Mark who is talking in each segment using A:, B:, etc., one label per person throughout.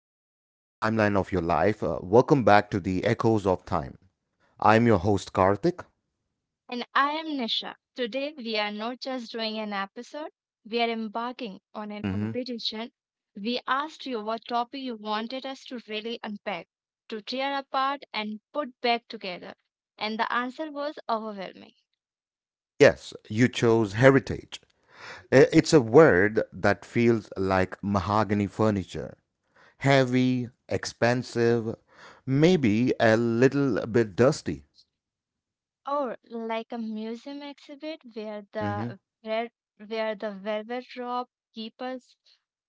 A: you are in the timeline of your life. Welcome back to the Echoes of Time. I'm your host, Karthik.
B: And I am Nisha. Today we are not just doing an episode, we are embarking on an
A: Hmm.
B: competition. We asked you what topic you wanted us to really unpack, to tear apart and put back together. And the answer was overwhelming.
A: Yes, you chose heritage. It's a word that feels like mahogany furniture heavy, expensive, maybe a little bit dusty.
B: Or like a museum exhibit
A: Hmm.
B: where the velvet rope keepers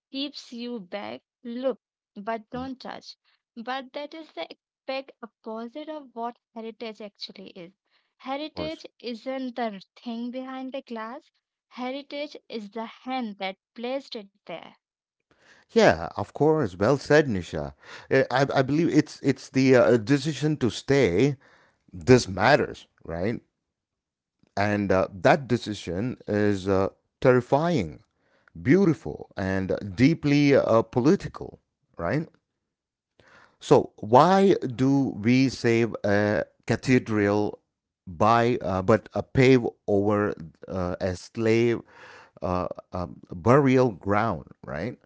B: keeps you back. Look, but
A: Of
B: don't touch. But that is the exact opposite of what heritage actually is.
A: course.
B: Heritage isn't the thing behind the glass. Heritage is the hand that placed it there.
A: Yeah, of course. Well said, Nisha. I believe it's the decision to stay. This matters, right? And that decision is terrifying, beautiful, and deeply political, right? So, why do we save a cathedral by but pave over a slave burial ground, right?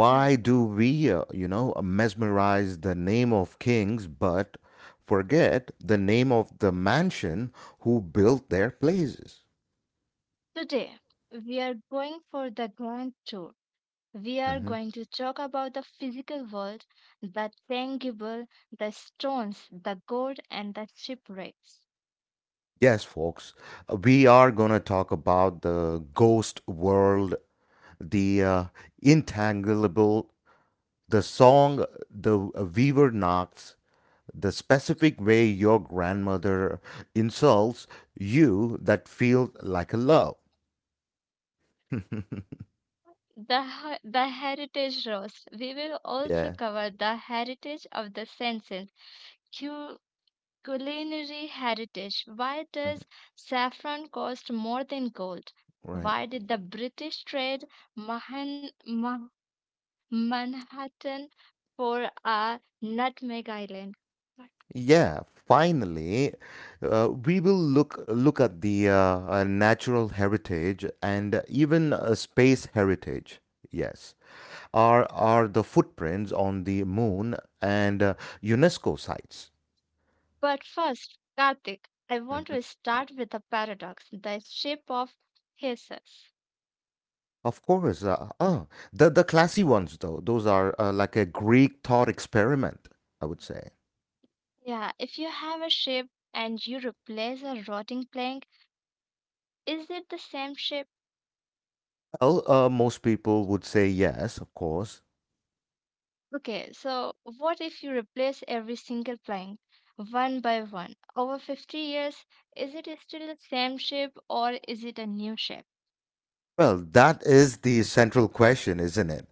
B: Right.
A: do we, mesmerize the name of kings but forget the name of the mansion who built their places?
B: Today, we are going for the grand tour. We are
A: Mhm.
B: going to talk about the physical world, the tangible, the stones, the gold, and the shipwrecks.
A: Yes, folks, we are going to talk about the ghost world, the intangible, the song, the weaver knocks, the specific way your grandmother insults you that feels like a love.
B: The heritage roast. We will
A: Yeah,
B: also cover the heritage of the senses, cu- culinary heritage. Why
A: mhm,
B: does saffron cost more than gold?
A: right.
B: Why did the British trade Mahan- Ma- Manhattan for a nutmeg island?
A: Yeah, finally, we will look at the natural heritage and even space heritage. Yes. Are the footprints on the moon and UNESCO sites.
B: But first, Karthik, I want
A: Mhm.
B: to start with a paradox the shape of Jesus.
A: Of course, the classy ones though, those are like a Greek thought experiment, I would say.
B: Yeah, if you have a shape and you replace a rotting plank, is it the same shape?
A: Well, most people would say yes, of course.
B: Okay, so what if you replace every single plank one by one over 50 years? Is it still the same shape or is it a new shape?
A: Well, that is the central question, isn't it,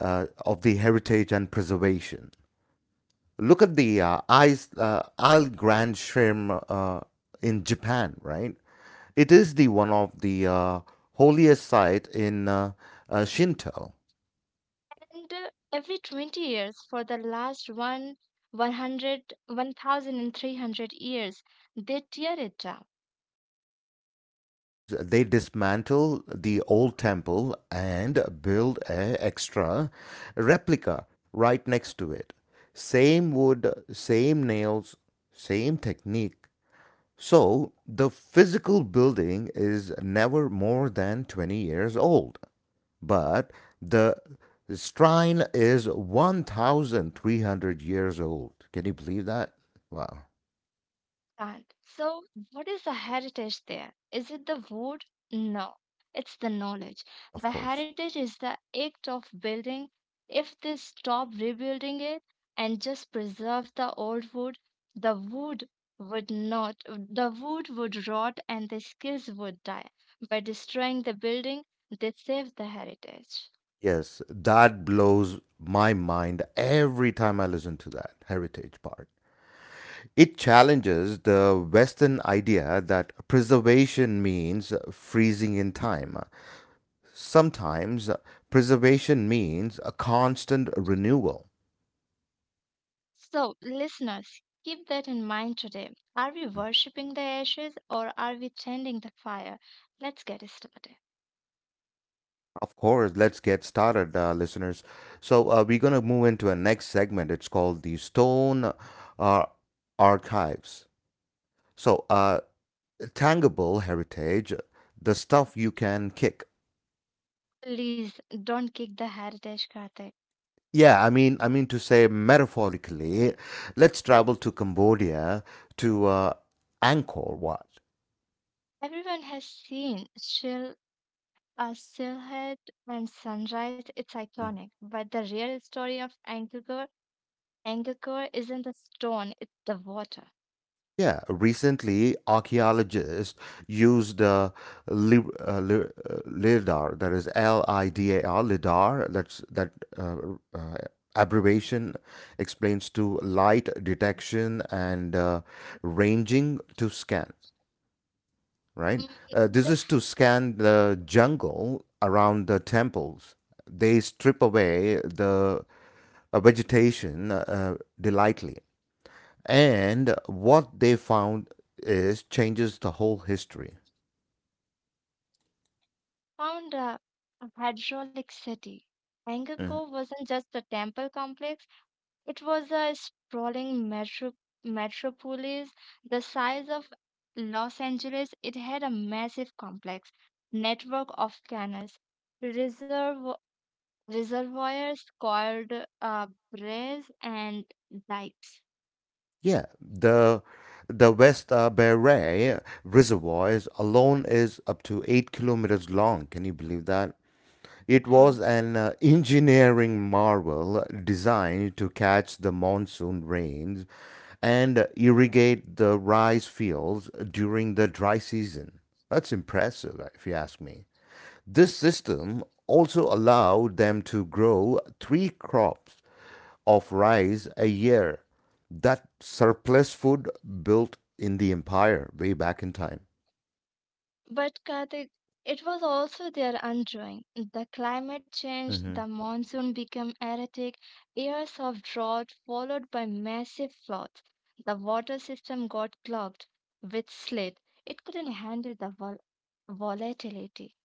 A: of the heritage and preservation. Look at the Isle Grand Shrim in Japan, right? It is the one of the holiest site in Shinto.
B: And every 20 years for the last one, 100, 1,300 years, they tear it down.
A: Completely, of course, they dismantle the old temple and build a extra replica right next to it. Same wood, same nails, same technique. So the physical building is never more than 20 years old. But the shrine is 1,300 years old. Can you believe that? Wow,
B: Right. So, what is the heritage there? Is it the wood? No, it's the knowledge.
A: of
B: The
A: course.
B: heritage is the act of building. If they stop rebuilding it and just preserve the old wood, the wood would not, the wood would rot and the skills would die. By destroying the building, they save the heritage.
A: Yes, that blows my mind every time I listen to that heritage part. It challenges the Western idea that preservation means freezing in time. Sometimes preservation means a constant renewal.
B: So, listeners, keep that in mind today. Are we worshipping the ashes or are we tending the fire? Let's get started.
A: Of course, let's get started, listeners. So, we're going to move into a next segment. It's called the Stone uh, Archives. So, tangible heritage, the stuff you can kick.
B: Please don't kick the heritage carpet.
A: Yeah, I mean to say metaphorically, let's travel to Cambodia to Angkor Wat.
B: Everyone has seen Silhouette and Sunrise. It's iconic. But the real story of Angkor, isn't the stone, it's the water.
A: Yeah, recently archaeologists used LIDAR, that is LIDAR, LIDAR, that uh, uh, abbreviation explains to light detection and ranging to scan, right?
B: Mm,
A: This
B: they
A: is to scan the jungle around the temples. They strip away the vegetation delightly and what they found is changes the whole history.
B: found a hydraulic city.
A: Mhm.
B: Angkor wasn't just a temple complex. It was a sprawling metropolis the size of Los Angeles. It had a massive complex network of canals, reservo- reservoirs called uh, braes and dikes.
A: Yeah, the West Beret Reservoir alone is up to 8 kilometers long. Can you believe that? It was an engineering marvel designed to catch the monsoon rains and irrigate the rice fields during the dry season. That's impressive, if you ask me. This system also allowed them to grow three crops of rice a year, that surplus food built in the empire way back in time.
B: But Karthik, it was also their undoing. The climate change,
A: Hmm.
B: the monsoon became erratic, years of drought followed by massive floods. The water system got clogged with slit. It couldn't handle the volatility.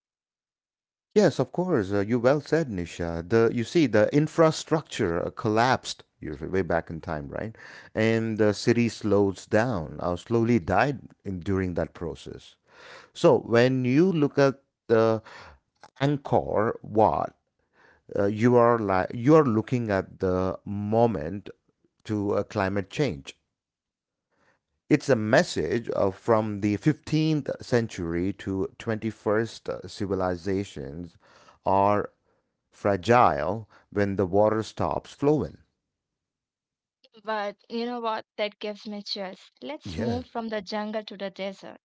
A: Yes, of course. You well said, Nisha. The you see the infrastructure collapsed years way back in time, right? And the city slows down, slowly died during that process. So when you look at the Angkor Wat, you are like you are looking at the moment to climate change. It's a message of from the 15th century to 21st. Civilizations are fragile when the water stops flowing.
B: But you know what? That gives me chills. Let's
A: Yeah.
B: move from the jungle to the desert.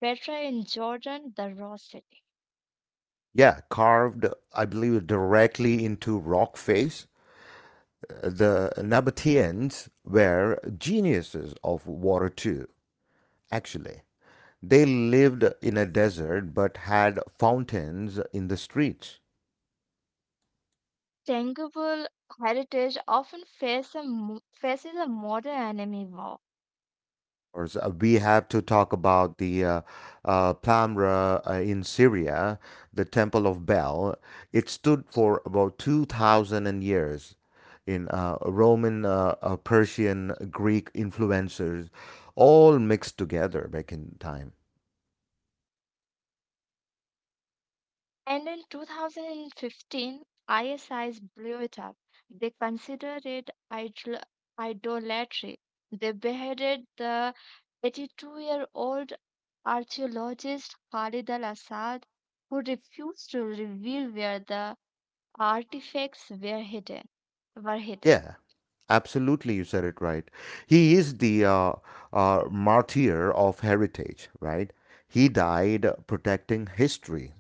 B: Petra in Jordan, the raw city.
A: Yeah, carved, I believe, directly into rock face. The Nabateans were geniuses of water too, actually. They lived in a desert but had fountains in the streets.
B: Tangible heritage often faces a modern enemy war.
A: We have to talk about the Pamra in Syria, the Temple of Bel. It stood for about 2,000 years in Roman, Persian, Greek influencers, all mixed together back in time.
B: And in 2015, ISIS blew it up. They considered it idolatry. They beheaded the 82-year-old archaeologist Khalid al Assad, who refused to reveal where the artifacts were hidden. Were hidden.
A: Yeah, absolutely. You said it right. He is the martyr of heritage, right? He died protecting history.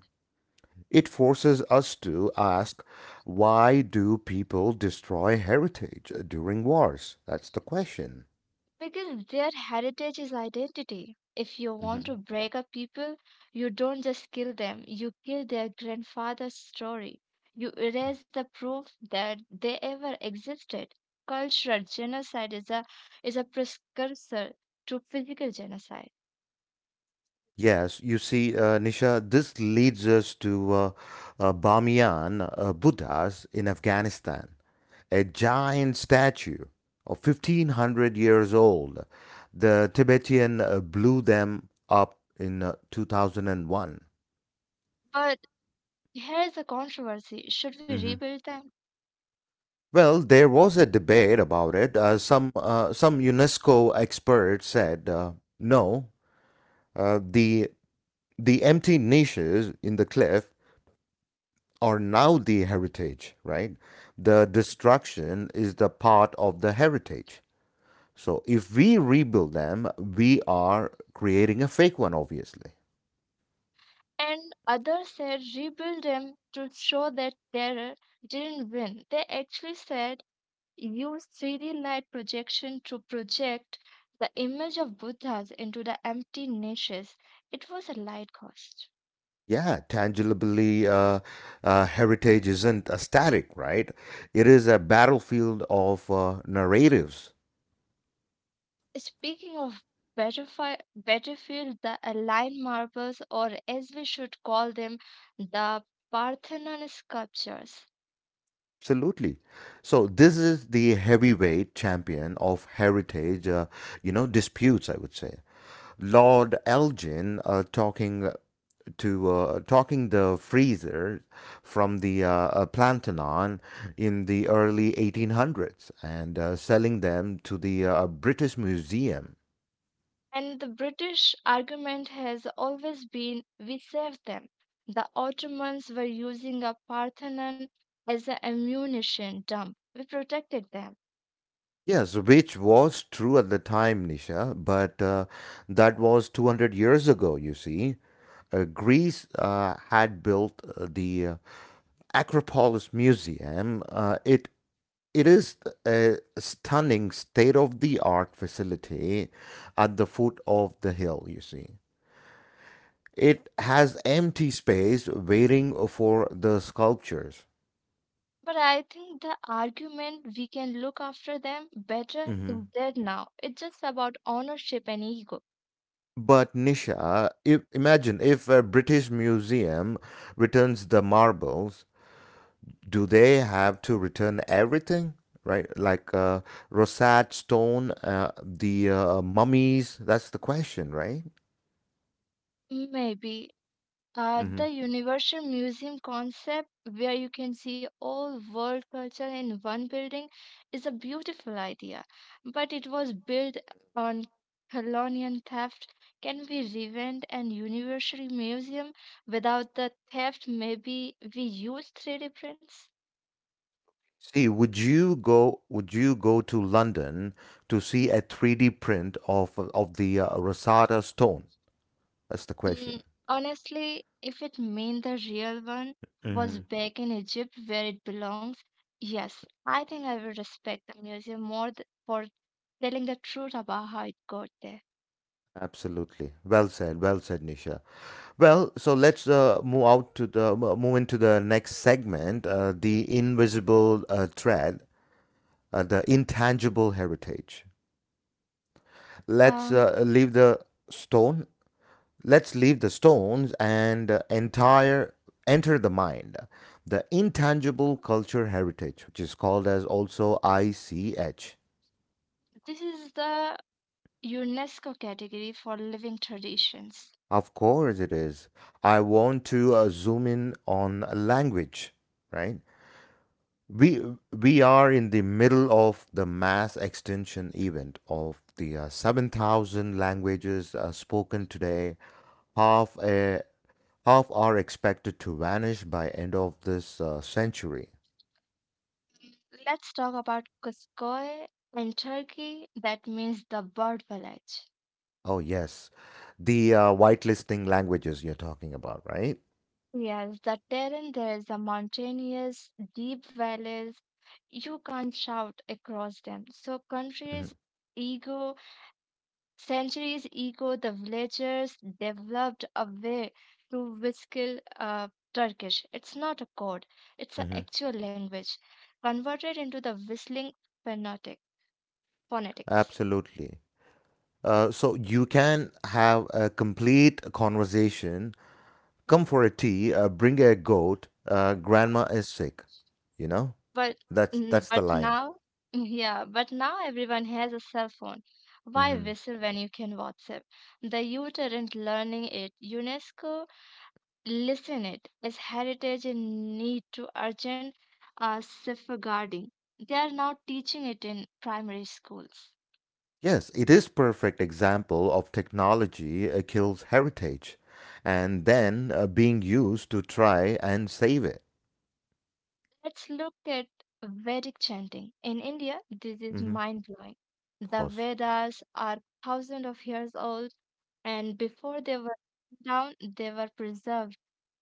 A: It forces us to ask why do people destroy heritage during wars? That's the question.
B: Because their heritage is identity. If you want
A: Mhm.
B: to break up people, you don't just kill them, you kill their grandfather's story. You erase the proof that they ever existed. Cultural genocide is a precursor to physical genocide.
A: Yes, you see, Nisha, this leads us to Bamiyan Buddhas in Afghanistan. A giant statue of 1,500 years old. The Tibetan blew them up in 2001.
B: But here is the controversy, should we
A: Hmm.
B: rebuild them?
A: Well, there was a debate about it. Some UNESCO experts said no. Uh, the the empty niches in the cliff are now the heritage, right? The destruction is the part of the heritage. So if we rebuild them, we are creating a fake one, obviously.
B: And others said rebuild them to show that terror didn't win. They actually said use 3D light projection to project the image of Buddhas into the empty niches. It was a light cost.
A: Yeah, tangibly, heritage isn't a static, right? It is a battlefield of narratives.
B: Speaking of battlefield, the Align marbles, or as we should call them, the Parthenon sculptures.
A: Absolutely. So this is the heavyweight champion of heritage, disputes, I would say. Lord Elgin talking the freezer from the Plantanon in the early 1800s and selling them to the British Museum.
B: And the British argument has always been we saved them. The Ottomans were using a Parthenon as an ammunition dump. We protected them.
A: Yes, which was true at the time, Nisha, but that was 200 years ago, you see. Greece had built the Acropolis Museum. It is a stunning state of the art facility at the foot of the hill, you see. It has empty space waiting for the sculptures.
B: But I think the argument we can look after them better
A: Hmm.
B: is dead now. It's just about ownership and ego.
A: But Nisha, if, imagine if a British museum returns the marbles, do they have to return everything? Right, like Rosat Stone, the mummies. That's the question, right?
B: Maybe
A: Hmm.
B: the Universal Museum concept, where you can see all world culture in one building, is a beautiful idea. But it was built on colonial theft. Can we reinvent an Universal Museum without the theft? Maybe we use 3D prints?
A: See, would you go? Would you go to London to see a 3D print of the Rosetta Stone? That's the
B: Mm,
A: question.
B: Honestly, if it meant the real one was back in Egypt where it belongs, yes, I think I will respect the museum more for telling the truth about how it got there.
A: Absolutely. Well said. Well said, Nisha. Well, so let's move out to the mo- move into the next segment, the invisible thread, the intangible heritage. Let's
B: Um,
A: leave the stone. Let's leave the stones and entire enter the mind, the intangible culture heritage, which is called as also ICH.
B: this is the UNESCO category for living traditions.
A: Of course, it is. I want to zoom in on language, right? We are in the middle of the mass extinction event of the 7,000 languages spoken today. Half a half are expected to vanish by end of this century.
B: Let's talk about Kuskoy in Turkey. That means the bird village.
A: Oh yes, the whitelisting languages you're talking about, right?
B: Yes, the terrain there is a mountainous, deep valleys. You can't shout across them. So
A: Hmm.
B: countries ego, centuries ego, the villagers developed a way to whistle Turkish. It's not a code. It's an
A: Hmm.
B: actual language converted into the whistling phonetic phonetics.
A: Absolutely. So you can have a complete conversation. Come for a tea. Bring a goat. Grandma is sick. You know.
B: But
A: That's
B: mm,
A: that's
B: but
A: the line.
B: now, mm, yeah, but now everyone has a cell phone. Why
A: Hmm.
B: whistle when you can WhatsApp? The youth aren't learning it. UNESCO listen it as heritage in need to urgent safeguarding. They are now teaching it in primary schools.
A: Yes, it is perfect example of technology kills heritage, and then being used to try and save it.
B: Let's look at Vedic chanting. In India, this is
A: Hmm.
B: mind blowing.
A: Of
B: The
A: course,
B: Vedas are thousands of years old, and before they were down, they were preserved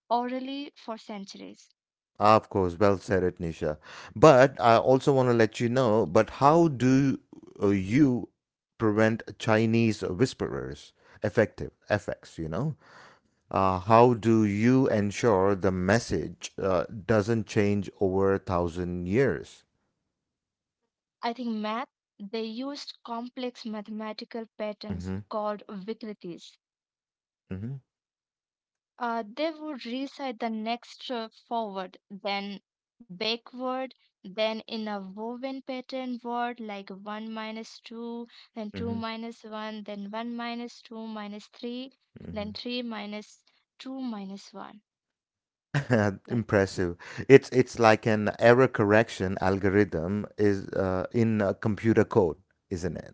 B: orally for centuries.
A: Ah, of course. Well said, it Nisha. But I also want to let you know. But how do you prevent Chinese whisperers? Effective effects. How do you ensure the message doesn't change over 1,000 years?
B: I think math, they used complex mathematical patterns
A: Hmm.
B: called Vikritis.
A: Hmm.
B: They would recite the next forward, then backward, then in a woven pattern word like 1 minus 2, then 2
A: Mhm,
B: minus 1, then 1 minus 2 minus 3, then
A: mhm.
B: 3 minus 2 minus 1, like that.
A: Impressive. It's like an error correction algorithm is in computer code, isn't it?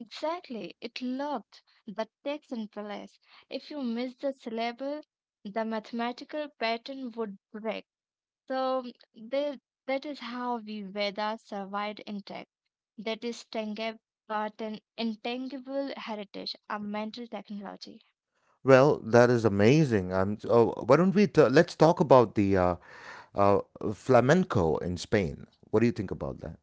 B: Exactly. It loved the text and place. If you miss the syllable, the mathematical pattern would break. So that is how we Vedas survived intact. That is Tengeb, but an intangible heritage, a mental technology.
A: Well, that is amazing. Oh, why don't let's talk about the uh, flamenco in Spain. What do you think about that?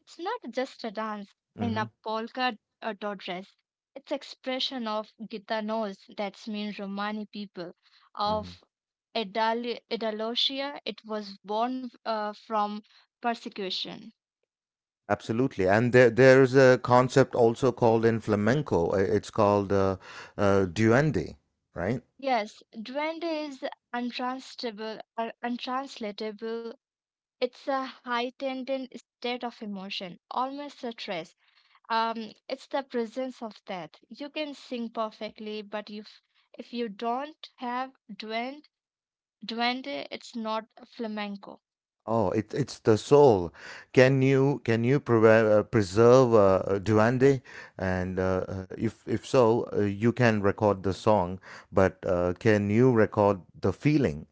B: It's not just a dance in
A: Mm-hmm.
B: a polka dot dress. It's expression of Gitanos, that's means Romani people,
A: Mhm.
B: of Idalosia. It was born from persecution.
A: Absolutely. And there's a concept also called in flamenco. It's called duende, right?
B: Yes, duende is untranslatable. It's a heightened state of emotion, almost a stress. It's the presence of that. You can sing perfectly, but if you don't have duende, it's not flamenco.
A: Oh, it's the soul. Can you preserve duende? And if so, you can record the song, but can you record the feeling?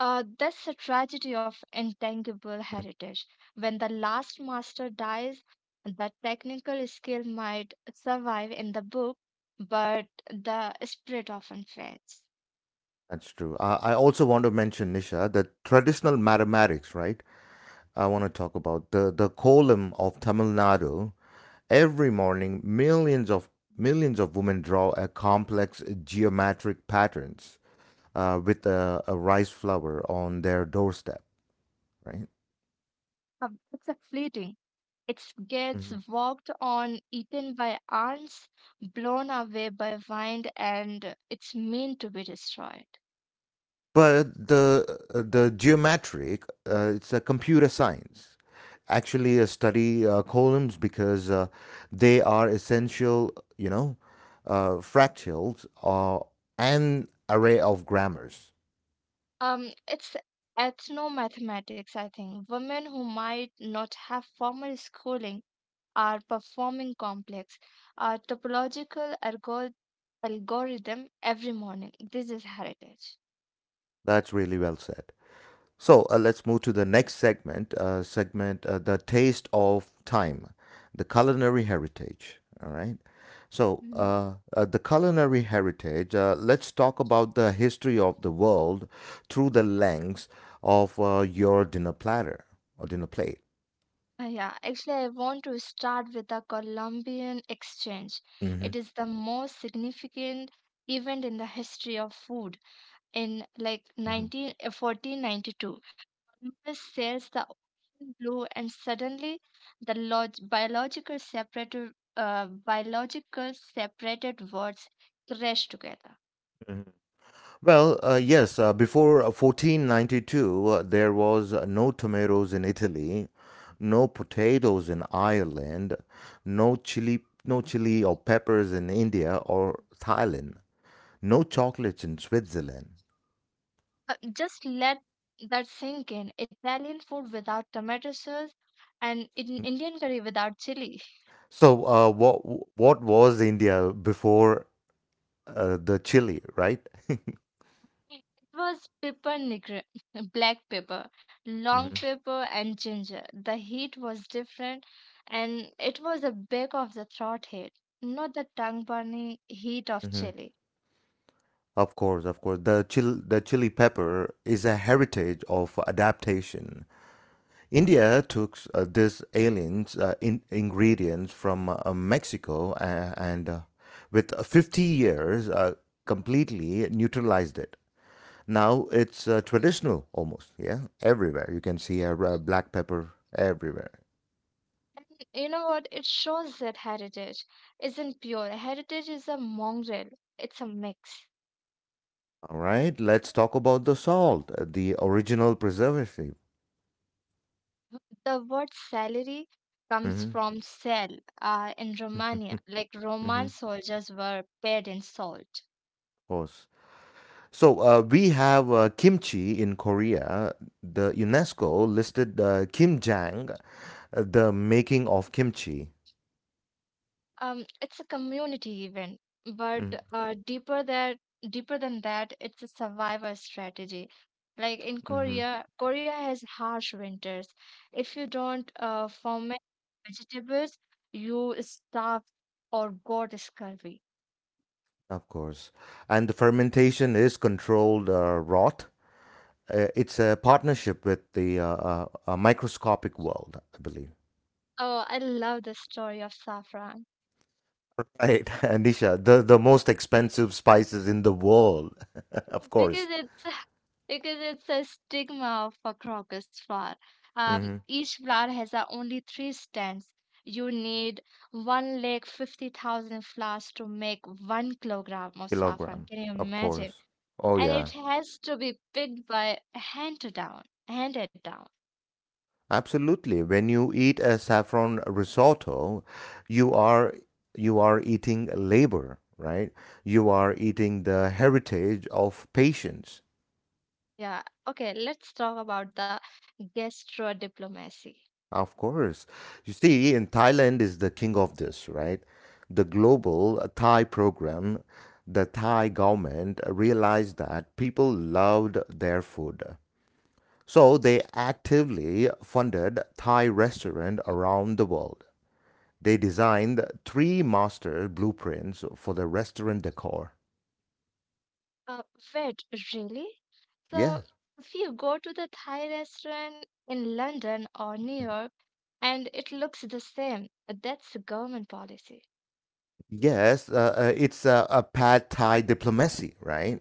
B: That's the tragedy of intangible heritage. When the last master dies, the technical skill might survive in the book, but the spirit often fades.
A: That's true. I also want to mention, Nisha, the traditional mathematics, right? I want to talk about the column of Tamil Nadu. Every morning, millions of women draw a complex geometric patterns with a rice flour on their doorstep, right?
B: Uh, it's a fleeting. It gets
A: Mhm.
B: walked on, eaten by ants, blown away by wind, and it's meant to be destroyed.
A: But the geometric, it's a computer science. Actually, study columns because they are essential, fractals and array of grammars.
B: It's ethnomathematics, I think. Women who might not have formal schooling are performing complex, topological algorithm every morning. This is heritage.
A: That's really well said. So let's move to the next segment, the taste of time, the culinary heritage. All right. So
B: Mm-hmm.
A: the culinary heritage. Let's talk about the history of the world through the lens of your dinner platter or dinner plate.
B: Yeah, actually, I want to start with the Columbian Exchange.
A: Mm-hmm.
B: It is the most significant event in the history of food. In like
A: Mm-hmm.
B: 19, 1492, Columbus sails the ocean blue, and suddenly the log biological separated words crash together.
A: Mm-hmm. Well, yes, before 1492, there was no tomatoes in Italy, no potatoes in Ireland, no chili, no chili or peppers in India or Thailand, no chocolates in Switzerland.
B: Just let that sink in. Italian food without tomato sauce, and in Indian curry without chili.
A: So, what was India before the chili, right?
B: It was pepper negra, black pepper, long
A: Mhm,
B: pepper, and ginger. The heat was different, and it was the back of the throat heat, not the tongue burning heat of
A: mhm.
B: chili.
A: Of course, of course. The chili pepper is a heritage of adaptation. India took these aliens ingredients from Mexico and with 50 years completely neutralized it. Now it's traditional almost, yeah, everywhere. You can see black pepper everywhere.
B: You know what? It shows that heritage isn't pure. Heritage is a mongrel, it's a mix.
A: All right, let's talk about the salt, the original preservative.
B: The word salary comes
A: Mm-hmm.
B: from cell in Romania,
A: Mm-hmm.
B: like Roman soldiers were paid in salt.
A: Of course. So we have kimchi in Korea. The UNESCO listed kimjang, the making of kimchi.
B: It's a community event,
A: Mm-hmm.
B: but uh, deeper that deeper than that, it's a survival strategy. Like in
A: Mm-hmm.
B: Korea, has harsh winters. If you don't ferment vegetables, you starve or got scurvy.
A: Of course. And the fermentation is controlled rot. It's a partnership with the microscopic world, I believe.
B: Oh, I love the story of saffron.
A: Right. Anisha, the most expensive spices in the world, of
B: Because
A: course.
B: it's because it's a stigma of a crocus flower. Um,
A: Hmm.
B: each flower has only three stems. You need 150,000 flowers to make 1 kilogram of saffron.
A: Kilogram,
B: Can you
A: of
B: imagine?
A: course. Oh,
B: And it
A: yeah.
B: has to be picked by handed down.
A: Absolutely. When you eat a saffron risotto, you are you are eating labor, right? You are eating the heritage of patience.
B: Yeah. Okay. Let's talk about the gastro diplomacy.
A: Of course. You see, in Thailand is the king of this, right? The global Thai program, the Thai government realized that people loved their food. So they actively funded Thai restaurant around the world. They designed three master blueprints for the restaurant decor.
B: Uh, Wait, really?
A: Yeah.
B: So if you go to the Thai restaurant in London or New York and it looks the same. That's a government policy.
A: Yes, it's a pad Thai diplomacy, right?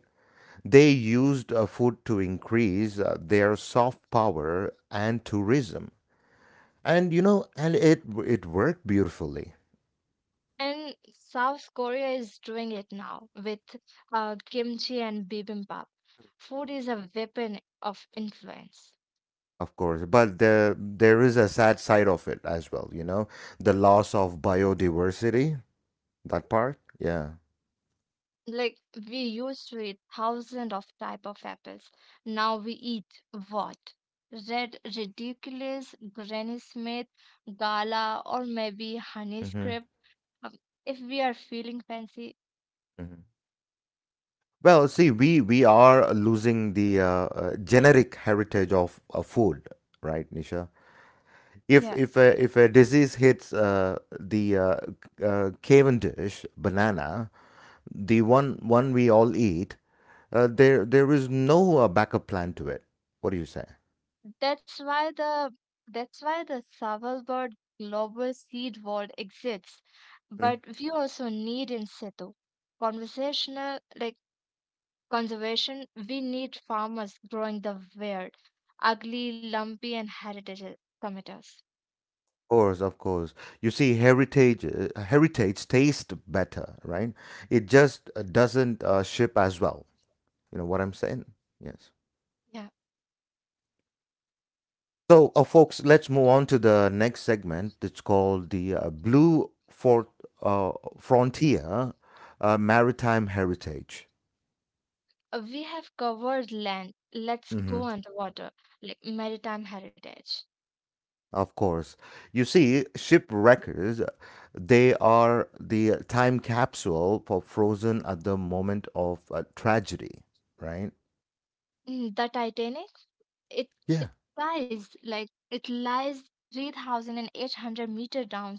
A: They used food to increase their soft power and tourism, and you know, and it worked beautifully,
B: And South Korea is doing it now with kimchi and bibimbap. Food is a weapon of influence.
A: of course. There is a sad side of it as well, you know, the loss of biodiversity. That part, yeah.
B: Like we used to eat thousands of type of apples. Now we eat what? Red ridiculous, Granny Smith, Gala, or maybe Honey
A: Hmm.
B: Script. Um, If we are feeling fancy,
A: Well, see, we are losing the generic heritage of food, right, Nisha? If
B: yeah.
A: if a, if a disease hits the Cavendish banana, the one we all eat, there is no backup plan to it. What do you say?
B: That's why the that's why the Svalbard global seed world exists.
A: Mm.
B: But we also need in situ conversational like conservation. We need farmers growing the weird, ugly, lumpy, and heritage tomatoes.
A: Of course, of course. You see, heritage tastes better, right? It just doesn't ship as well. You know what I'm saying? Yes.
B: Yeah,
A: So, folks, let's move on to the next segment. It's called the Blue Fort, uh, Frontier Maritime Heritage.
B: We have covered land. Let's go
A: Hmm.
B: underwater, like maritime heritage.
A: Of course. You see, ship records, they are the time capsule for frozen at the moment of tragedy, right?
B: The Titanic. It
A: Yeah.
B: it it lies 3,800 meter down,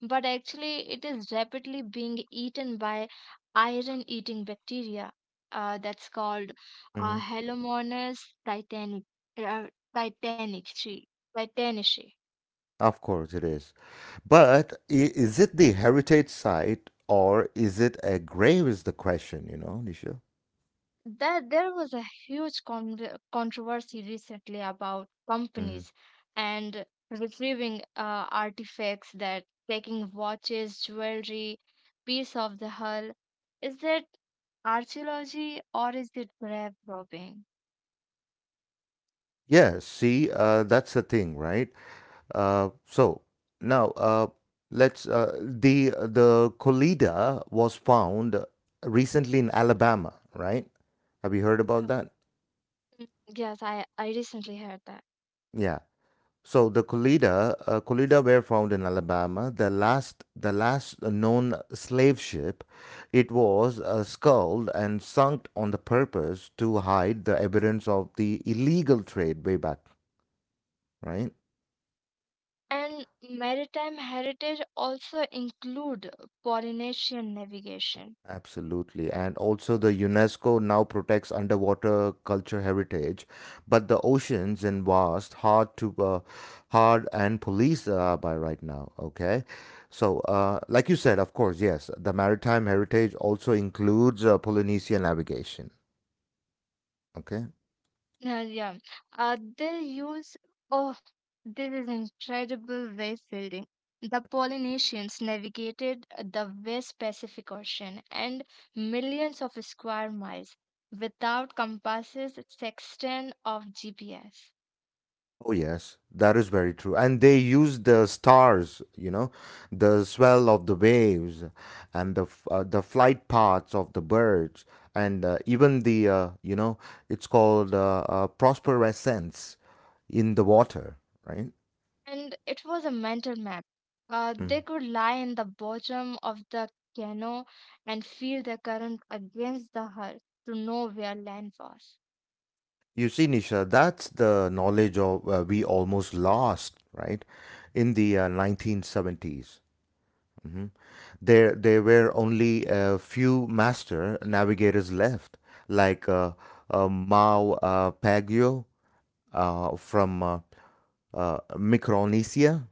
B: but actually it is rapidly being eaten by iron-eating bacteria. That's called
A: Hmm.
B: Halomonas uh, titanic, titanici.
A: Of course it is. But is it the heritage site or is it a grave is the question, you know, Nisha?
B: There was a huge controversy recently about companies and retrieving artifacts that taking watches, jewelry, piece of the hull. Is that archaeology or is it grave robbing?
A: Yeah, see, that's the thing, right? So now let's The Collider was found recently in Alabama, right? Have you heard about
B: Yeah.
A: that?
B: Mm, Yes, I recently heard that.
A: Yeah. So the Collider, Collider were found in Alabama. The last known slave ship, it was sculled and sunk on the purpose to hide the evidence of the illegal trade way back, right?
B: And maritime heritage also include Polynesian navigation.
A: Absolutely. And also, the UNESCO now protects underwater culture heritage, but the oceans and vast, hard to hard and police by right now. Okay. So, like you said, of course, yes, the maritime heritage also includes Polynesian navigation. Okay.
B: Yeah. Uh, they use, oh, this is incredible wave building. The Polynesians navigated the West Pacific Ocean and millions of square miles without compasses, sextant, or GPS.
A: Oh, yes, that is very true. And they use the stars, you know, the swell of the waves and the the flight paths of the birds and even the you know, it's called phosphorescence in the water, right?
B: And it was a mental map. They
A: Mm.
B: could lie in the bottom of the canoe and feel the current against the hull to know where land was.
A: You see, Nisha, that's the knowledge of we almost lost, right, in the 1970s. Mhm. There were only a few master navigators left, like Mao Pagio from Micronesia.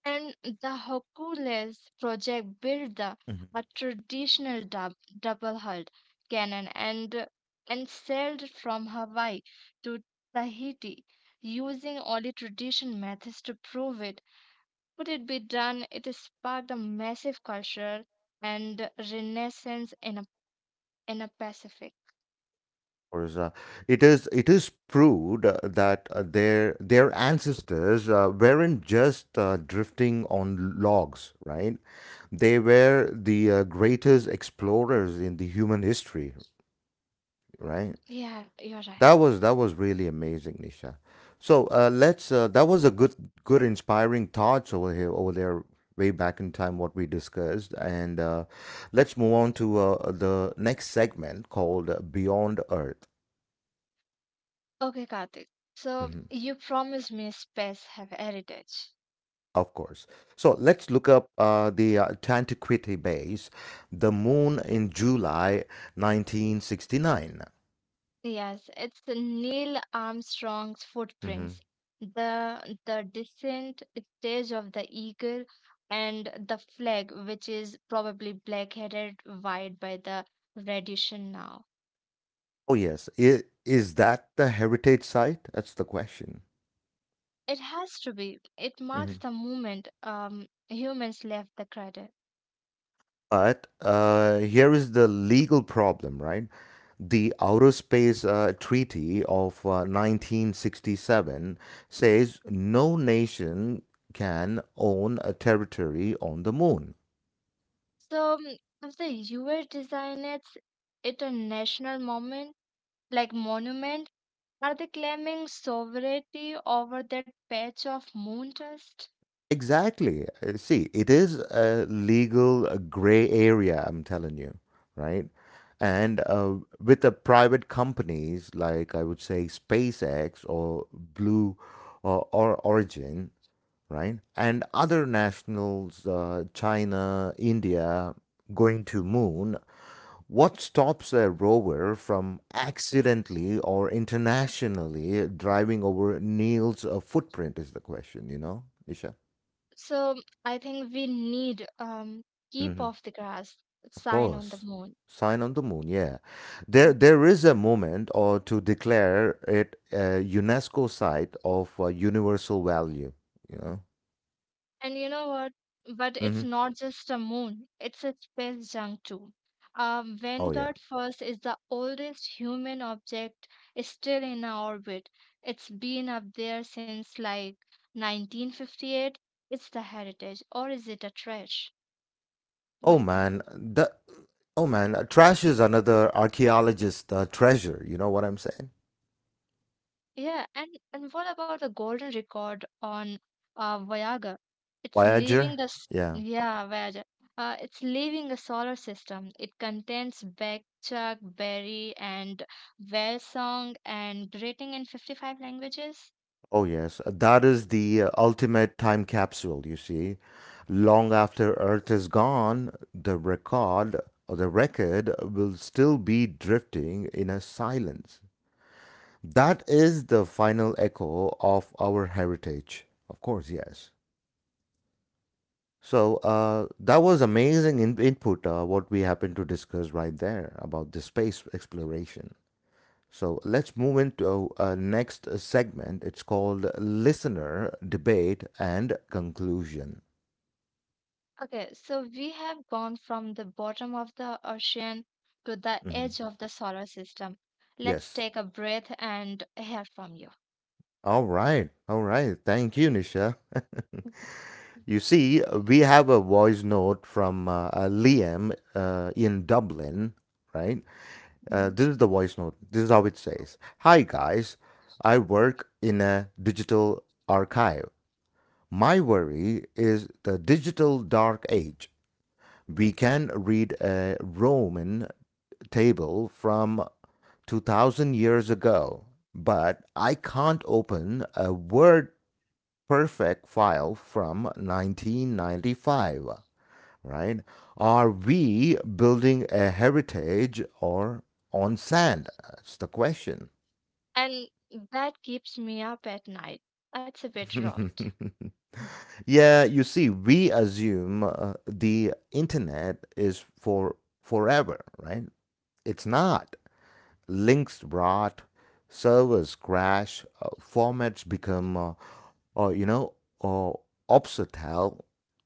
B: And the Hercules project built the
A: Mhm.
B: a traditional double hulled cannon and sailed from Hawaii to Tahiti using only traditional methods to prove it. Could it be done? It sparked a massive culture and renaissance in a Pacific.
A: Or is, uh, it is proved that their ancestors weren't just drifting on logs, right? They were the greatest explorers in the human history, right?
B: Yeah, you're right.
A: That was really amazing, Nisha. So let's. That was a good, good, inspiring thoughts over here, over there, way back in time, what we discussed, and let's move on to the next segment called Beyond Earth.
B: Okay, Karthik. So
A: Mhm.
B: you promised me space have heritage.
A: Of course. So let's look up the Tantiquity base, the moon in July 1969.
B: Yes, it's Neil Armstrong's
A: Mhm.
B: footprints, the descent stage of the eagle, and the flag, which is probably black-headed white by the radiation now.
A: Oh yes, is that the heritage site? That's the question.
B: It has to be. It marks
A: Mm-hmm.
B: the moment humans left the crater.
A: But here is the legal problem, right? The Outer Space Treaty of 1967 says no nation can own a territory on the moon.
B: So if the U.S. designates it a national moment, like monument, are they claiming sovereignty over that patch of moon dust?
A: Exactly. See, it is a legal gray area, I'm telling you, right? And with the private companies like I would say SpaceX or Blue or Origin, right? And other nationals, China, India, going to moon. What stops a rover from accidentally or internationally driving over Neil's footprint is the question, you know, Isha?
B: So I think we need keep
A: Hmm.
B: off the grass
A: Of
B: sign on the
A: course.
B: moon.
A: Sign on the moon, yeah. There is a moment or to declare it a UNESCO site of universal value, you know?
B: And you know what? But it's
A: Hmm.
B: not just a moon, it's a space junk too.
A: Oh, yeah.
B: Vanguard first is the oldest human object still in our orbit. It's been up there since like 1958. It's the heritage, or is it a trash? What
A: Oh
B: do you think?
A: man, the Oh man, trash is another archaeologist treasure. You know what I'm saying?
B: Yeah, and what about the golden record on Voyager? It's leaving
A: Voyager.
B: the
A: Yeah.
B: yeah, Voyager. It's leaving the solar system. It contains Bachchuck, Berry, and whale song, and greeting in 55 languages.
A: Oh yes, that is the ultimate time capsule. You see, long after Earth is gone, the record will still be drifting in a silence. That is the final echo of our heritage. Of course, yes. So that was amazing input. What we happened to discuss right there about the space exploration. So let's move into next segment. It's called listener debate and conclusion.
B: Okay, so we have gone from the bottom of the ocean to the
A: Mhm.
B: edge of the solar system. Let's
A: Yes.
B: take a breath and hear from you.
A: All right. All right. Thank you, Nisha. You see, we have a voice note from Liam in Dublin, right?
B: Mhm.
A: This is the voice note. This is how it says, "Hi, guys. I work in a digital archive. My worry is the digital dark age. We can read a Roman table from 2000 years ago, but I can't open a Word perfect file from 1995, right? Are we building a heritage or on sand?" That's the question.
B: And that keeps me up at night. That's a bit rot.
A: yeah, you see, we assume the internet is for forever, right? It's not. Links rot, servers crash, formats become, you know, uh, obsolete,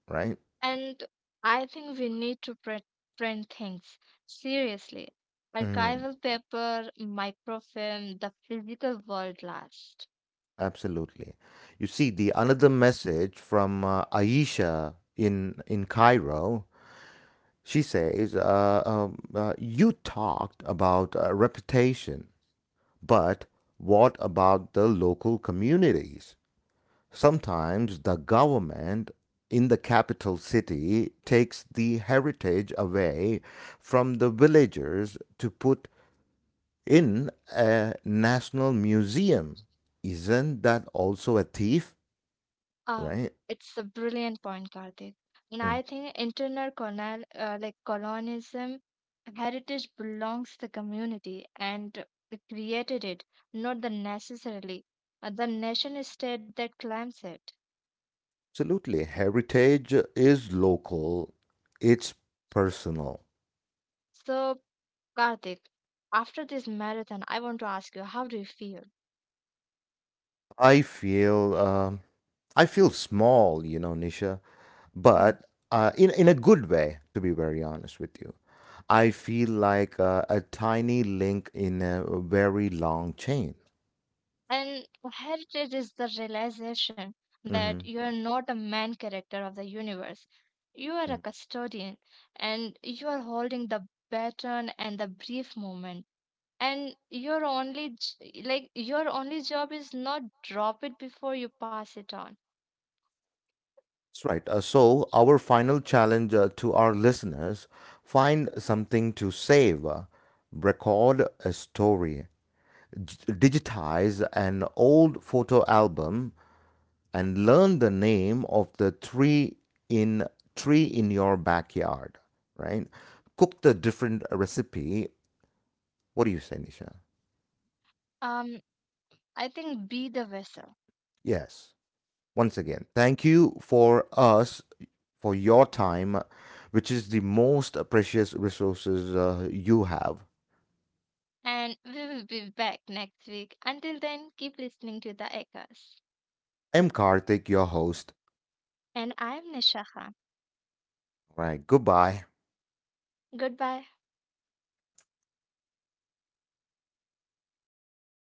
A: right?
B: And I think we need to print things seriously.
A: Mm,
B: Archival paper, microfilm, the physical world last.
A: absolutely. You see, the another message from Aisha in Cairo. She says, "You talked about reputation." But what about the local communities? Sometimes the government in the capital city takes the heritage away from the villagers to put in a national museum. Isn't that also a thief?
B: Ah,
A: Right?
B: it's a brilliant point, Karthik. And
A: Mm.
B: I think internal like colonialism, heritage belongs to the community and it created it, not the necessarily the nation state that claims it.
A: Absolutely. Heritage is local, it's personal.
B: So Karthik, after this marathon, I want to ask you, how do you feel?
A: I feel, um I feel small, you know, Nisha,
B: Hmm.
A: but in a good way to be very honest with you, I feel like a tiny link in a very long chain.
B: And heritage is the realization that
A: Hmm.
B: you are not a main character of the universe. You are a
A: That's
B: custodian and you are holding the baton and the brief moment. And your only job is not drop it before you pass it on.
A: right. So our final challenge to our listeners, find something to save, record a story, digitize an old photo album and learn the name of the tree in tree in your backyard, right, cook the different recipe. What do you say, Nisha?
B: Um, I think be the vessel.
A: Yes. Once again, thank you for us for your time, which is the most precious resources you have.
B: And we will be back next week. Until then, keep listening to the echoes.
A: I'm Karthik, your host.
B: And I'm Nisha.
A: All right. Goodbye.
B: Goodbye.